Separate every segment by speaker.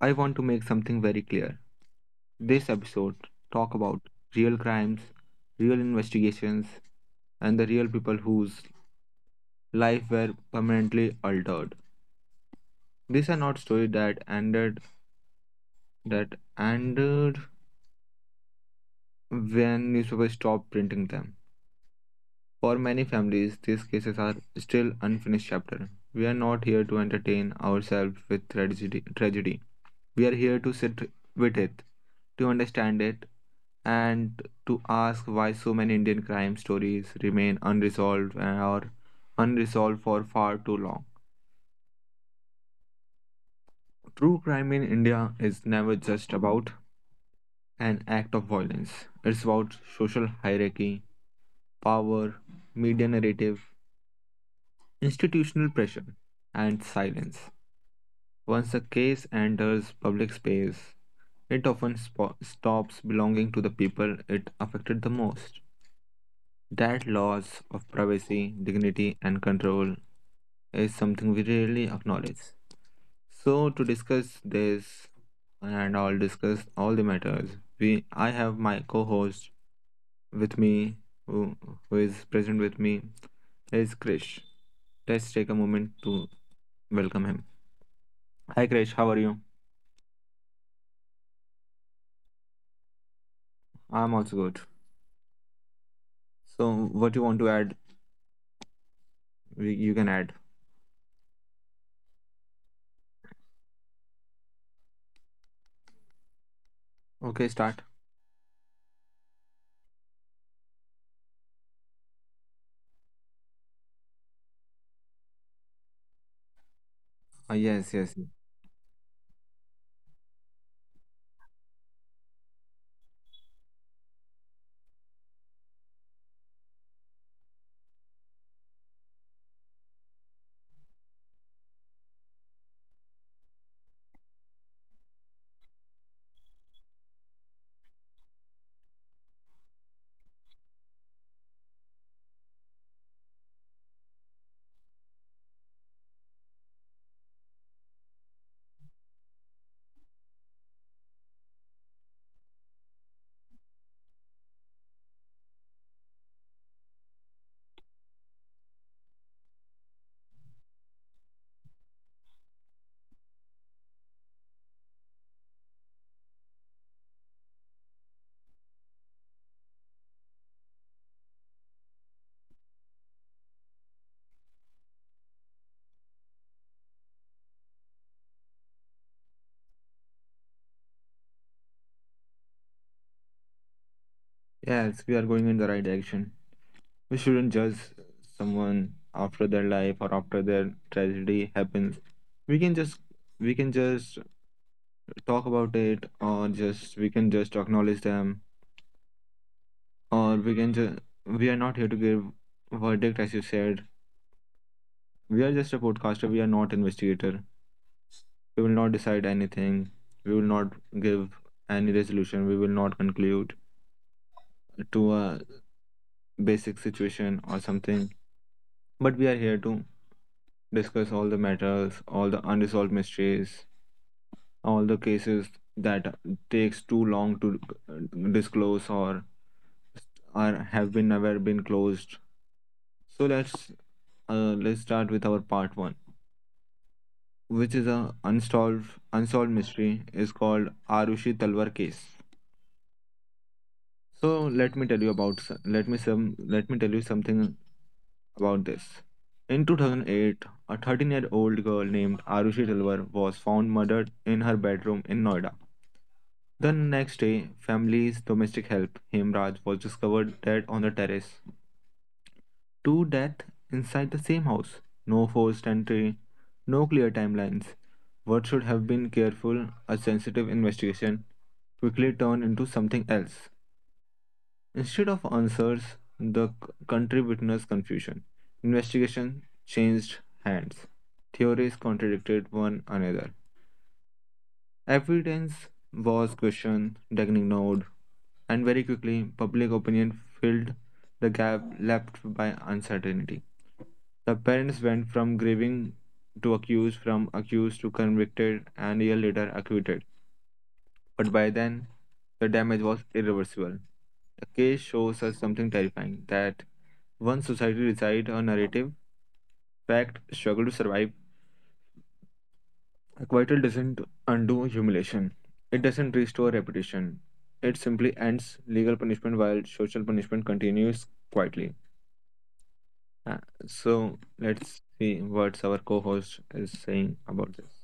Speaker 1: I want to make something very clear. This episode talk about real crimes, real investigations, and the real people whose life were permanently altered. These are not stories that ended that ended when newspapers stopped printing them. For many families, these cases are still unfinished chapter. We are not here to entertain ourselves with tragedy. We are here to sit with it, to understand it, and to ask why so many Indian crime stories remain unresolved and are unresolved for far too long. True crime in India is never just about an act of violence. It's about social hierarchy, power, media narrative, institutional pressure, and silence. Once a case enters public space, it often stops belonging to the people it affected the most. That loss of privacy, dignity, and control is something we rarely acknowledge. So, to discuss this, and I'll discuss all the matters. I have my co-host with me, who, who is present with me, is Krish. Let's take a moment to welcome him. Hi Krish, how are you? I'm also good. So, what you want to add? We, you can add. Okay, start. Uh, yes, yes, yes. We are going in the right direction. We shouldn't judge someone after their life or after their tragedy happens. We can just we can just talk about it, or just we can just acknowledge them, or we can just we are not here to give verdict, as you said. We are just a podcaster. We are not investigator. We will not decide anything. We will not give any resolution. We will not conclude to a basic situation or something. But we are here to discuss all the matters, all the unresolved mysteries, all the cases that takes too long to disclose or are have been never been closed. So let's start with our part one, which is a unsolved mystery is called Arushi Talwar case. So let me tell you about let me tell you something about this. In 2008, a 13-year-old girl named Arushi Talwar was found murdered in her bedroom in Noida. The next day, family's domestic help Hemraj was discovered dead on the terrace. Two deaths inside the same house. No forced entry, no clear timelines. What should have been careful, a sensitive investigation quickly turned into something else. Instead of answers, the country witnessed confusion. Investigation changed hands. Theories contradicted one another. Evidence was questioned, then ignored, and very quickly, public opinion filled the gap left by uncertainty. The parents went from grieving to accused, from accused to convicted, and a year later acquitted, but by then the damage was irreversible. The case shows us something terrifying: that once society decides a narrative, fact struggle to survive, acquittal doesn't undo humiliation. It doesn't restore reputation. It simply ends legal punishment while social punishment continues quietly. Uh, so let's see what our co-host is saying about this.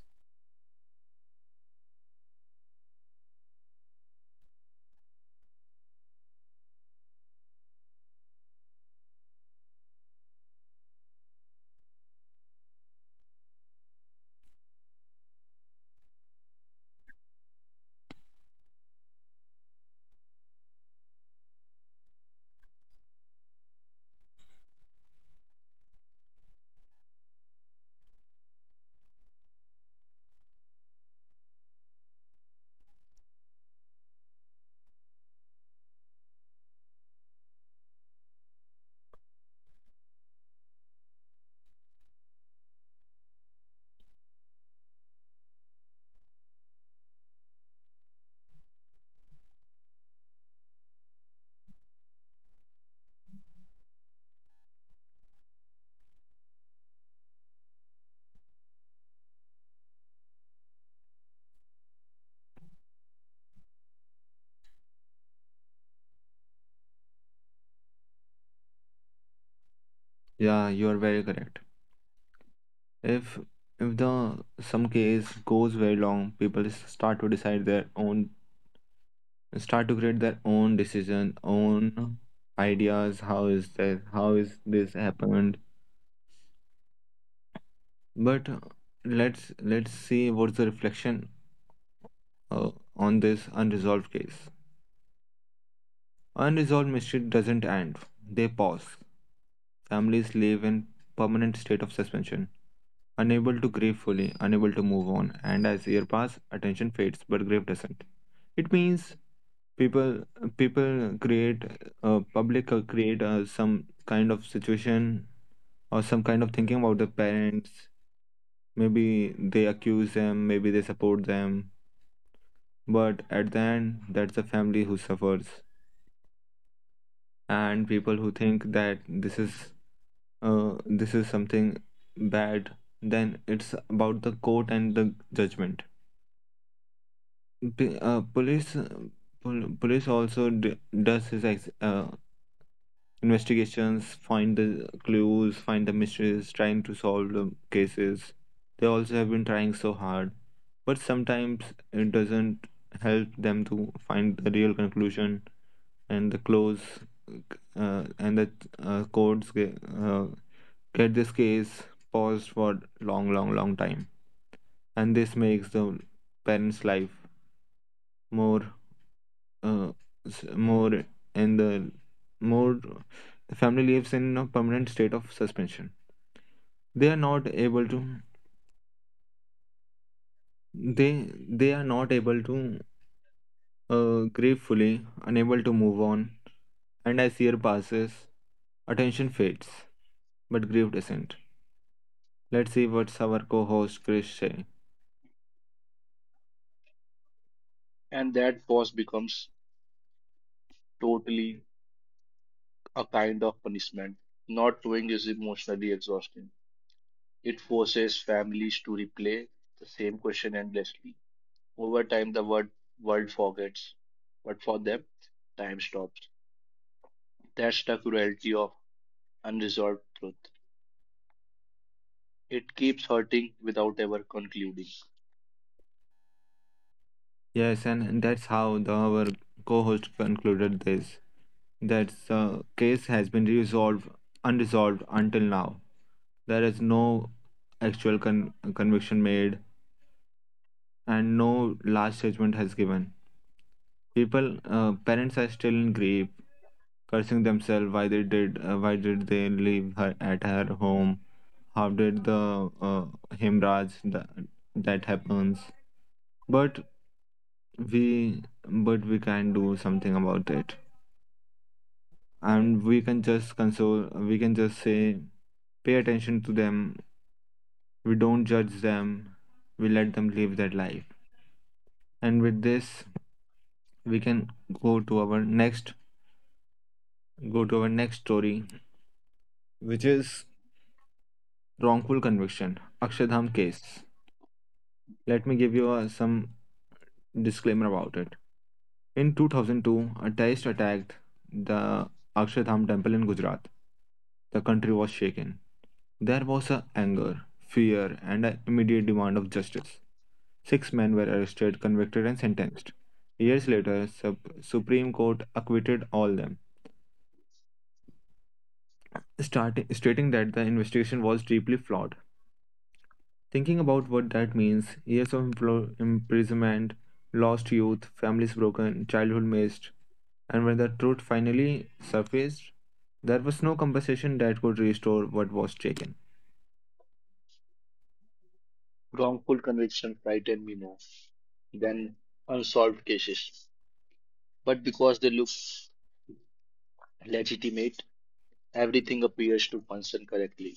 Speaker 1: Yeah, you are very correct. If if the some case goes very long, people start to decide their own, start to create their own decision, own ideas. How is that? How is this happened? But let's see what's the reflection uh, on this unresolved case. Unresolved mystery doesn't end; they pause. Families live in permanent state of suspension, unable to grieve fully, unable to move on, and as years pass, attention fades, but grief doesn't. It means people people create public create some kind of situation or some kind of thinking about the parents. Maybe they accuse them, maybe they support them, but at the end, that's the family who suffers, and people who think that this is something bad. Then it's about the court and the judgment. P- uh, police Police also does his investigations, find the clues, find the mysteries, trying to solve the cases. They also have been trying so hard, but sometimes it doesn't help them to find the real conclusion and the close, and the courts get this case paused for long long long time, and this makes the parents life more uh, more, and the more the family lives in a permanent state of suspension. They are not able to they they are not able to grieve fully, unable to move on, and as year passes, attention fades but grief doesn't. Let's see what's our co-host Chris say.
Speaker 2: And that pause becomes totally a kind of punishment. Not doing is emotionally exhausting. It forces families to replay the same question endlessly. Over time, the word world forgets, but for them, time stops. That's the cruelty of unresolved truth. It keeps hurting without ever concluding.
Speaker 1: Yes, and that's how the, our co-host concluded this. That the case has been resolved, unresolved until now. There is no actual conviction made, and no last judgment has given. People, parents are still in grief, cursing themselves why they did, why did they leave her at her home? How did the hemorrhage that, that happens? But we can do something about it, and we can just say pay attention to them, we don't judge them, we let them live their life, and with this we can go to our next story which is wrongful conviction Akshardham case. Let me give you some disclaimer about it. In 2002, a terrorist attacked the Akshardham temple in Gujarat. The country was shaken. There was a anger, fear, and an immediate demand of justice. 6 men were arrested, convicted, and sentenced. Years later, Supreme Court acquitted all them, stating that the investigation was deeply flawed. Thinking about what that means, years of imprisonment, lost youth, families broken, childhood missed, and when the truth finally surfaced, there was no compensation that could restore what was taken.
Speaker 2: Wrongful convictions frighten me more than unsolved cases, but because they look legitimate, everything appears to function correctly.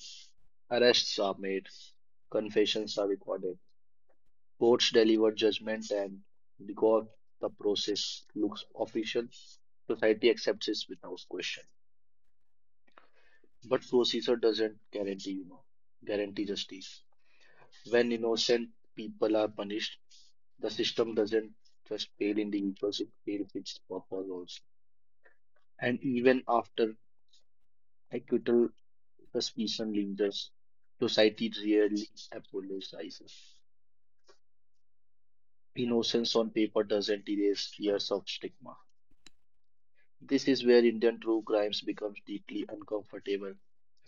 Speaker 2: Arrests are made, confessions are recorded, courts deliver judgment, and because the process looks official, society accepts it without question. But procedure doesn't guarantee justice. When innocent people are punished, the system doesn't just fail individuals, it fails its purpose also. And even after acquittal, suspicion lingers, society rarely apologizes. Innocence on paper doesn't erase years of stigma. This is where Indian true crimes becomes deeply uncomfortable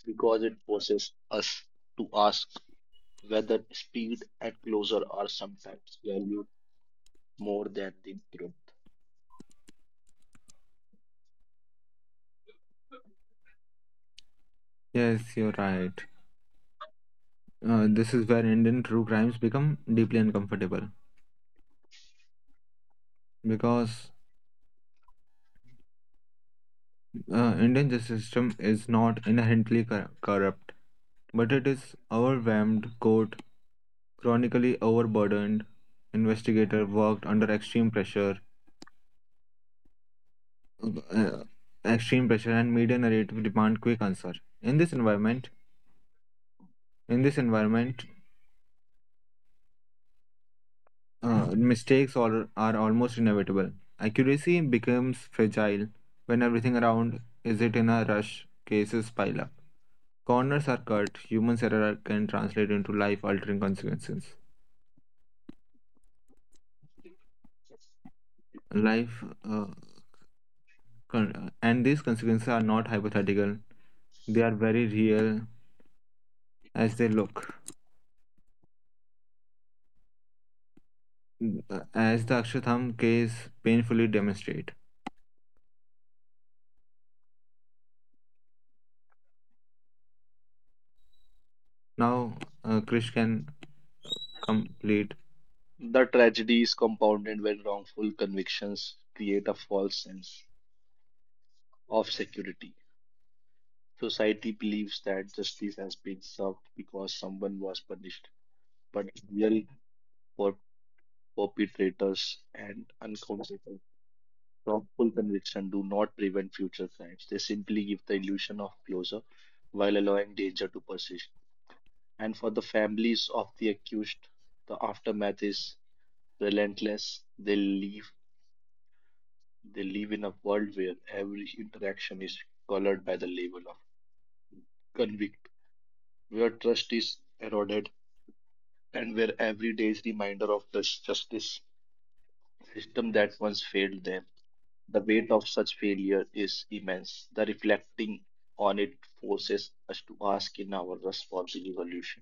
Speaker 2: because it forces us to ask whether speed and closure are sometimes valued more than the truth.
Speaker 1: Yes, you're right. This is where Indian true crimes become deeply uncomfortable, because Indian justice system is not inherently corrupt, but it is overwhelmed, court chronically overburdened, investigator worked under extreme pressure, uh, and media narrative demand quick answer. In this environment, in this environment, mistakes are almost inevitable. Accuracy becomes fragile when everything around is it in a rush. Cases pile up. Corners are cut. Human error can translate into life-altering consequences. life uh, and these consequences are not hypothetical. They are very real, as they look, as the Akshatham case painfully demonstrate. Now Krish can complete.
Speaker 2: The tragedy is compounded when wrongful convictions create a false sense of security. Society believes that justice has been served because someone was punished, but real per- perpetrators and uncountable thoughtful conviction do not prevent future crimes. They simply give the illusion of closure while allowing danger to persist. And for the families of the accused, the aftermath is relentless. They live in a world where every interaction is colored by the label of convict, where trust is eroded and where every day is reminder of the justice system that once failed them. The weight of such failure is immense. The reflecting on it forces us to ask in our responsible evolution,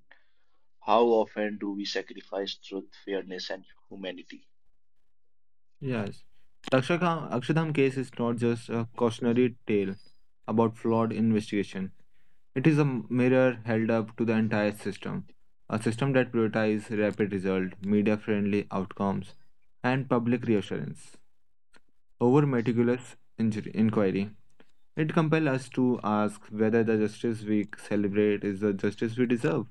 Speaker 2: how often do we sacrifice truth, fairness, and humanity?
Speaker 1: Yes, the Akshatham case is not just a cautionary tale about flawed investigation. It is a mirror held up to the entire system, a system that prioritizes rapid result, media friendly outcomes, and public reassurance over meticulous inquiry. It compels us to ask whether the justice we celebrate is the justice we deserve,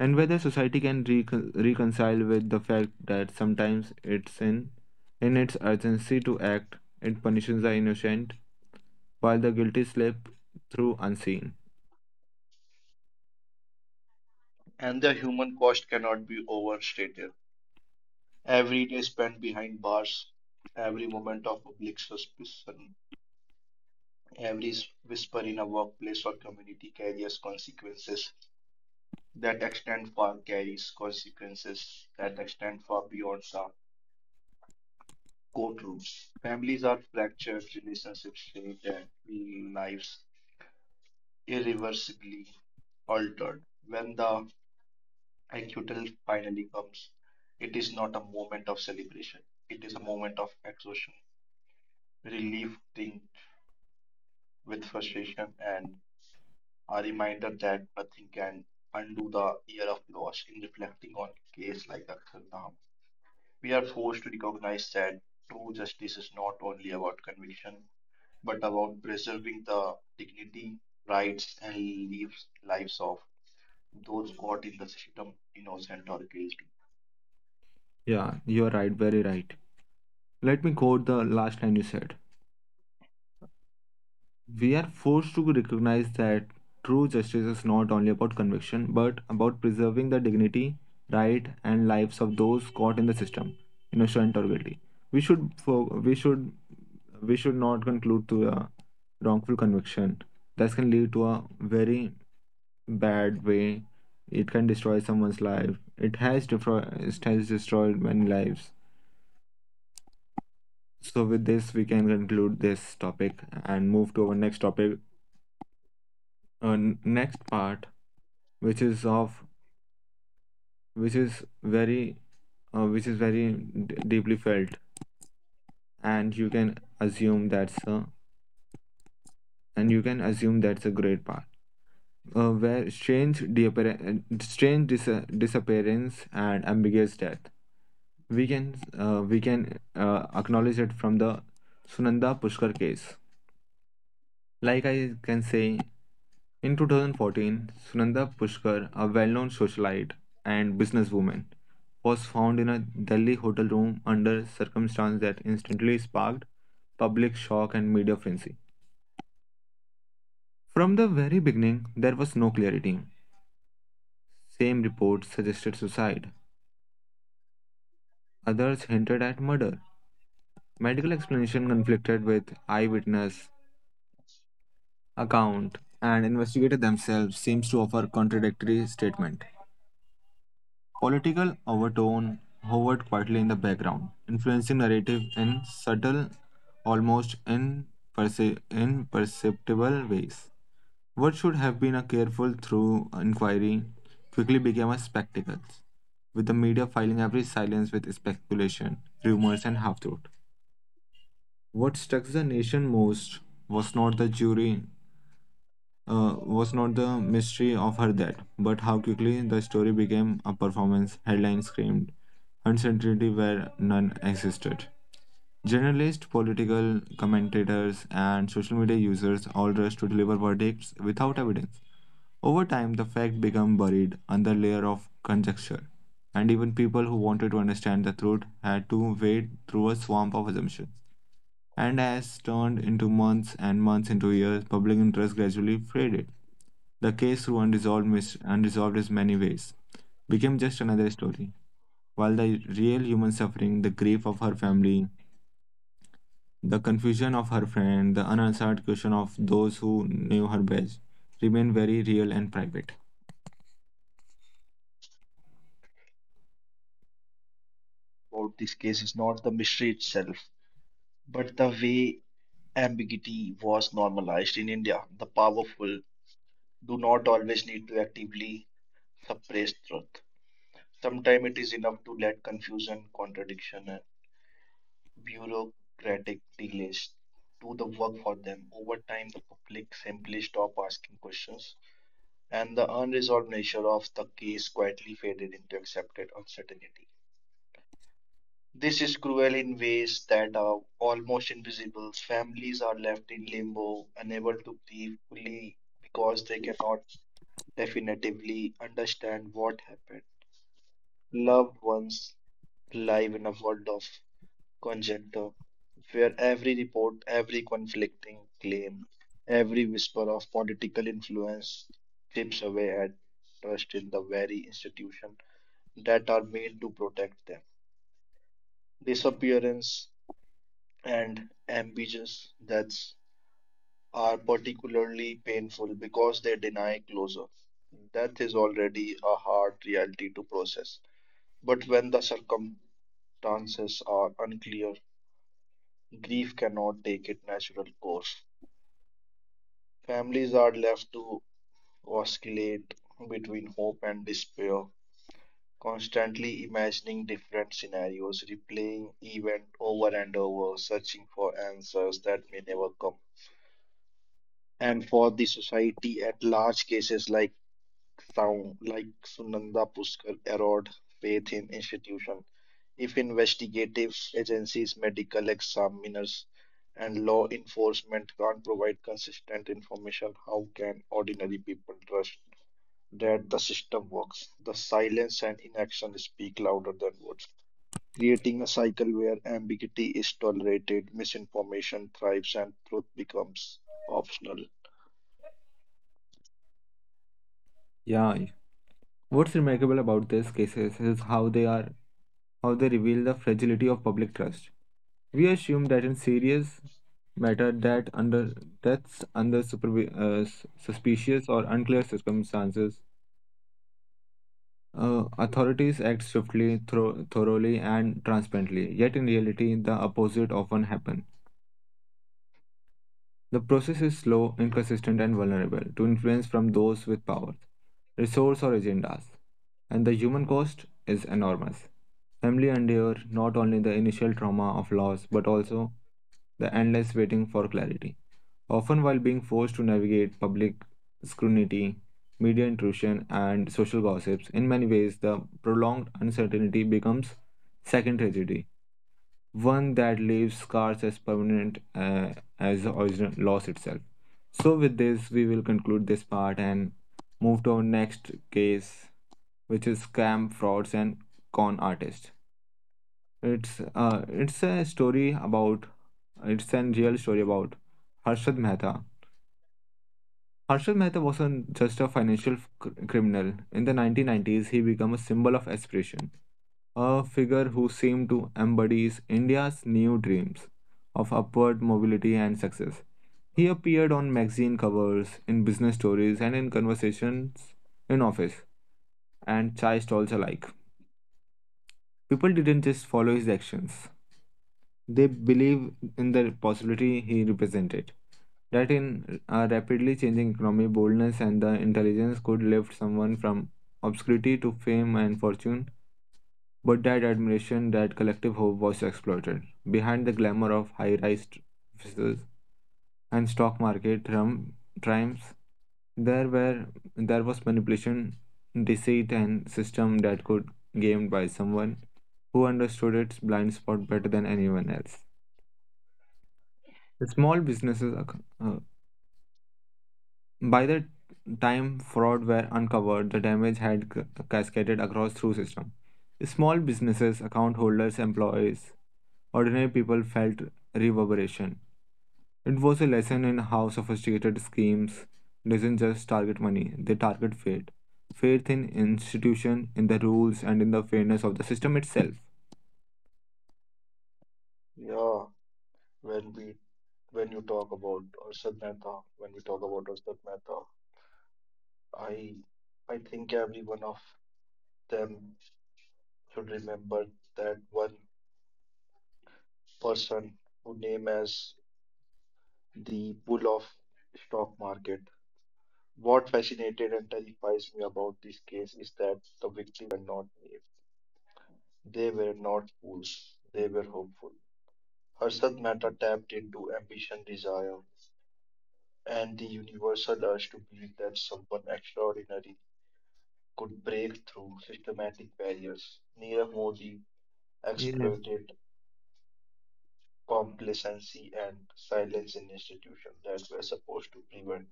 Speaker 1: and whether society can reconcile with the fact that sometimes in its urgency to act, it punishes the innocent, while the guilty slip through unseen.
Speaker 2: And the human cost cannot be overstated. Every day spent behind bars, every moment of public suspicion, every whisper in a workplace or community carries consequences that extend far, carries consequences that extend far beyond sound courtrooms. Families are fractured, relationships strained, and lives irreversibly altered. When the acquittal finally comes, it is not a moment of celebration. It is a moment of exhaustion, relief tinged with frustration, and a reminder that nothing can undo the year of loss. In reflecting on case like Akshardham, we are forced to recognize that true justice is not only about conviction but about preserving the dignity, rights, and lives of those caught in the system, innocent or guilty.
Speaker 1: Yeah, you're right, very right. Let me quote the last line you said. We are forced to recognize that true justice is not only about conviction, but about preserving the dignity, right, and lives of those caught in the system, innocent or guilty. We should, fo- we should, We should not conclude to a wrongful conviction. That can lead to a very bad way. It can destroy someone's life. It has, it has destroyed many lives. So with this, we can conclude this topic and move to our next topic. Next part, which is of which is very which is very deeply felt, and you can assume that's a and you can assume that's a great part, where strange disappearance and ambiguous death. We can acknowledge it from the Sunanda Pushkar case. Like I can say, in 2014, Sunanda Pushkar, a well known socialite and businesswoman, was found in a Delhi hotel room under circumstances that instantly sparked public shock and media frenzy. From the very beginning, there was no clarity. Same reports suggested suicide, others hinted at murder. Medical explanation conflicted with eyewitness account, and investigators themselves seems to offer contradictory statement. Political overtone hovered quietly in the background, influencing narrative in subtle, almost imperceptible ways. What should have been a careful through inquiry quickly became a spectacle, with the media filing every silence with speculation, rumors, and half truth. What struck the nation most was not the jury was not the mystery of her death, but how quickly the story became a performance. Headlines screamed, uncertainty where none existed. Journalists, political commentators, and social media users all rushed to deliver verdicts without evidence. Over time, the fact became buried under layer of conjecture, and even people who wanted to understand the truth had to wade through a swamp of assumptions, and as turned into months and months into years, public interest gradually faded. The case through unresolved, unresolved as many ways became just another story, while the real human suffering, the grief of her family, the confusion of her friend, the unanswered question of those who knew her best, remained very real and private.
Speaker 2: About this case is not the mystery itself, but the way ambiguity was normalized in India. The powerful do not always need to actively suppress truth. Sometimes it is enough to let confusion, contradiction, and bureaucratic delays do the work for them. Over time, the public simply stop asking questions and the unresolved nature of the case quietly faded into accepted uncertainty. This is cruel in ways that are almost invisible. Families are left in limbo, unable to grieve fully because they cannot definitively understand what happened. Loved ones live in a world of conjecture, where every report, every conflicting claim, every whisper of political influence chips away at trust in the very institution that are made to protect them. Disappearance and ambiguous deaths are particularly painful because they deny closure. Death is already a hard reality to process, but when the circumstances are unclear, grief cannot take its natural course. Families are left to oscillate between hope and despair, constantly imagining different scenarios, replaying event over and over, searching for answers that may never come. And for the society at large, cases like Sunanda Pushkar erode faith in institution. If investigative agencies, medical examiners, and law enforcement can't provide consistent information, how can ordinary people trust that the system works. The silence and inaction speak louder than words, creating a cycle where ambiguity is tolerated, misinformation thrives, and truth becomes optional.
Speaker 1: Yeah, what's remarkable about these cases is how they reveal the fragility of public trust. We assume that in serious matter that under that's under suspicious or unclear circumstances, authorities act swiftly, thoroughly, and transparently. Yet in reality, the opposite often happens. The process is slow, inconsistent, and vulnerable to influence from those with powers, resource, or agendas, and the human cost is enormous. Family endure not only the initial trauma of loss but also the endless waiting for clarity, often while being forced to navigate public scrutiny, media intrusion, and social gossips. In many ways, the prolonged uncertainty becomes second tragedy one that leaves scars as permanent, as the original loss itself. So, with this, we will conclude this part and move to our next case, which is scam, frauds, and con artist. It's uh, it's a story about it's a real story about Harshad Mehta. Harshad Mehta wasn't just a financial criminal. In the 1990s, he became a symbol of aspiration a figure who seemed to embody India's new dreams of upward mobility and success. He appeared on magazine covers, in business stories, and in conversations in office and chai stalls alike. People didn't just follow his actions, they believed in the possibility he represented. That in a rapidly changing economy, boldness and the intelligence could lift someone from obscurity to fame and fortune. But that admiration, that collective hope was exploited. Behind the glamour of high rise offices and stock market triumphs, there were there was manipulation, deceit and system that could gamed by someone who understood its blind spot better than anyone else. The small businesses ac- uh, by the time fraud were uncovered, the damage had cascaded across through system. Small businesses, account holders, employees, ordinary people felt reverberation. It was a lesson in how sophisticated schemes doesn't just target money, they target faith. Faith in institution, in the rules, and in the fairness of the system itself.
Speaker 2: Yeah, when we when we talk about Arshad Mehta, I I think every one of them should remember that one person who name as the bull of stock market. What fascinated and terrifies me about this case is that the victims were not naive. They were not fools. They were hopeful. Harshad Mehta tapped into ambition, desire, and the universal urge to believe that someone extraordinary could break through systematic barriers. Nirav Modi
Speaker 1: Yes.
Speaker 2: exploited complacency and silence in institutions that were supposed to prevent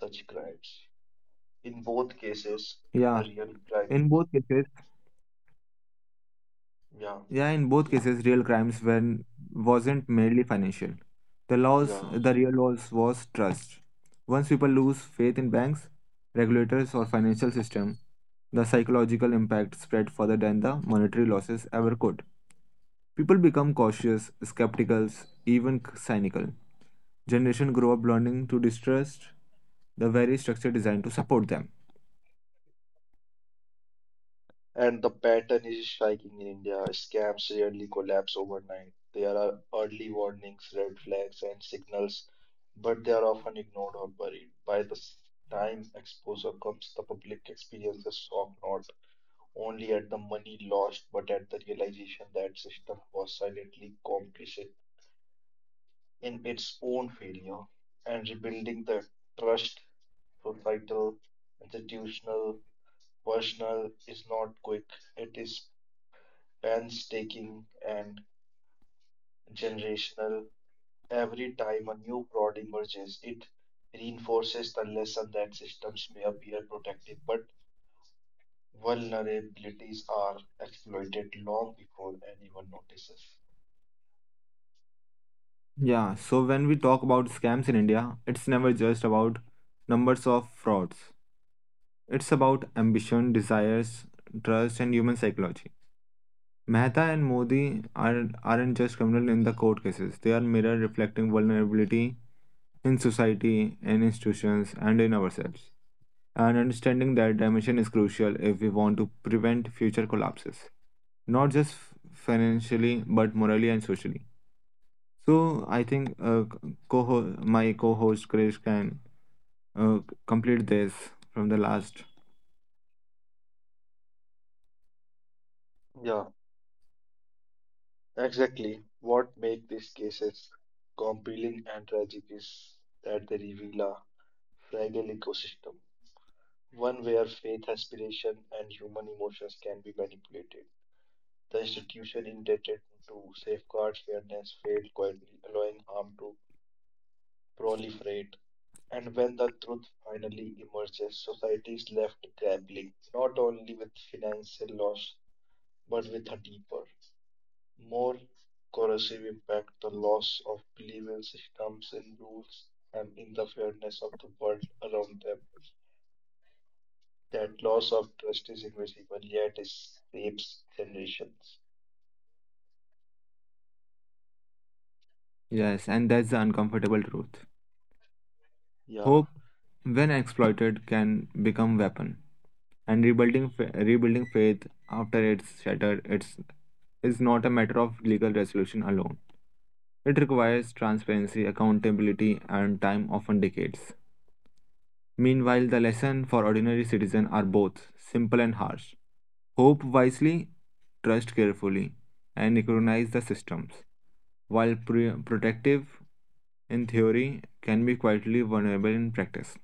Speaker 2: such crimes. In both cases, the
Speaker 1: Yeah.
Speaker 2: real crime,
Speaker 1: In both cases,
Speaker 2: yeah,
Speaker 1: Yeah, in both
Speaker 2: in-
Speaker 1: cases, real crimes when wasn't merely financial. The laws,
Speaker 2: yeah.
Speaker 1: the real laws was trust. Once people lose faith in banks, regulators, or financial system, the psychological impact spread further than the monetary losses ever could. People become cautious, skeptical, even cynical. Generation grow up learning to distrust the very structure designed to support them.
Speaker 2: And the pattern is striking in India. Scams rarely collapse overnight. There are early warnings, red flags, and signals, but they are often ignored or buried. By the time exposure comes, the public experiences shock not only at the money lost, but at the realization that system was silently complicit in its own failure. And rebuilding the trust, societal, institutional, personal, is not quick. It is and taking and generational. Every time a new fraud emerges, it reinforces the lesson that systems may appear protective, but vulnerabilities are exploited long before anyone notices.
Speaker 1: Yeah, so when we talk about scams in India, it's never just about numbers of frauds. It's about ambition, desires, trust, and human psychology. Mehta and Modi aren't just criminal in the court cases, they are mirror reflecting vulnerability in society, in institutions, and in ourselves. And understanding that dimension is crucial if we want to prevent future collapses, not just financially, but morally and socially. So I think co my co-host Krish can uh, complete this from the last.
Speaker 2: Yeah, exactly. What makes these cases compelling and tragic is that they reveal a fragile ecosystem, one where faith, aspiration, and human emotions can be manipulated. The institution intended to safeguard fairness failed quietly, allowing harm to proliferate. And when the truth finally emerges, society is left grappling not only with financial loss but with a deeper, more corrosive impact, the loss of belief in systems, in rules, and in the fairness of the world around them. That loss of trust is invisible, yet it shapes generations.
Speaker 1: Yes, and that's the uncomfortable truth.
Speaker 2: Yeah.
Speaker 1: Hope, when exploited, can become weapon, and rebuilding faith after it's shattered it's is not a matter of legal resolution alone. It requires transparency, accountability, and time, often decades. Meanwhile, the lesson for ordinary citizen are both simple and harsh. Hope wisely, trust carefully, and recognize the systems. While protective in theory, can be quietly vulnerable in practice.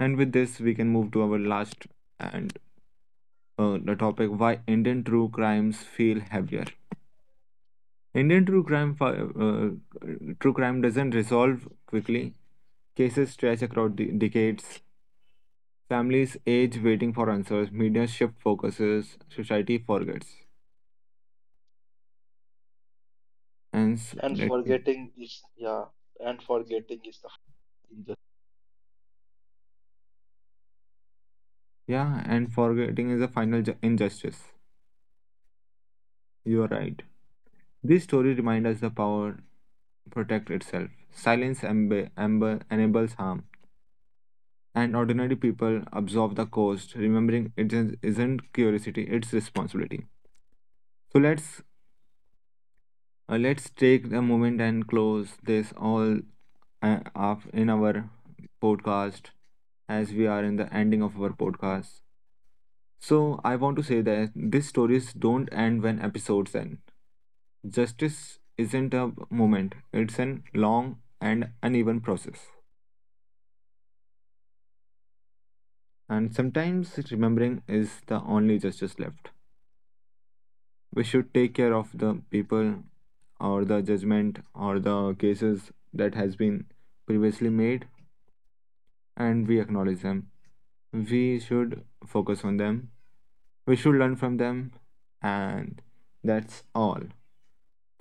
Speaker 1: And with this, we can move to our last and the topic why Indian true crimes feel heavier. Indian true crime doesn't resolve quickly. Cases stretch across decades. Families age waiting for answers. Media shift focuses. Society forgets. And s-
Speaker 2: And
Speaker 1: let me,
Speaker 2: forgetting is the hardest
Speaker 1: yeah, and forgetting is a final injustice. You are right. These stories remind us the power protect itself. Silence enables harm. And ordinary people absorb the cost, remembering isn't curiosity, it's responsibility. So let's take the moment and close this all up in our podcast as we are in the ending of our podcast. So I want to say that these stories don't end when episodes end. Justice isn't a moment, it's an long and uneven process. And sometimes remembering is the only justice left. We should take care of the people or the judgment or the cases that has been previously made, and we acknowledge them. We should focus on them, we should learn from them. And that's all.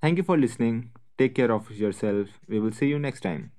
Speaker 1: Thank you for listening. Take care of yourself. We will see you next time.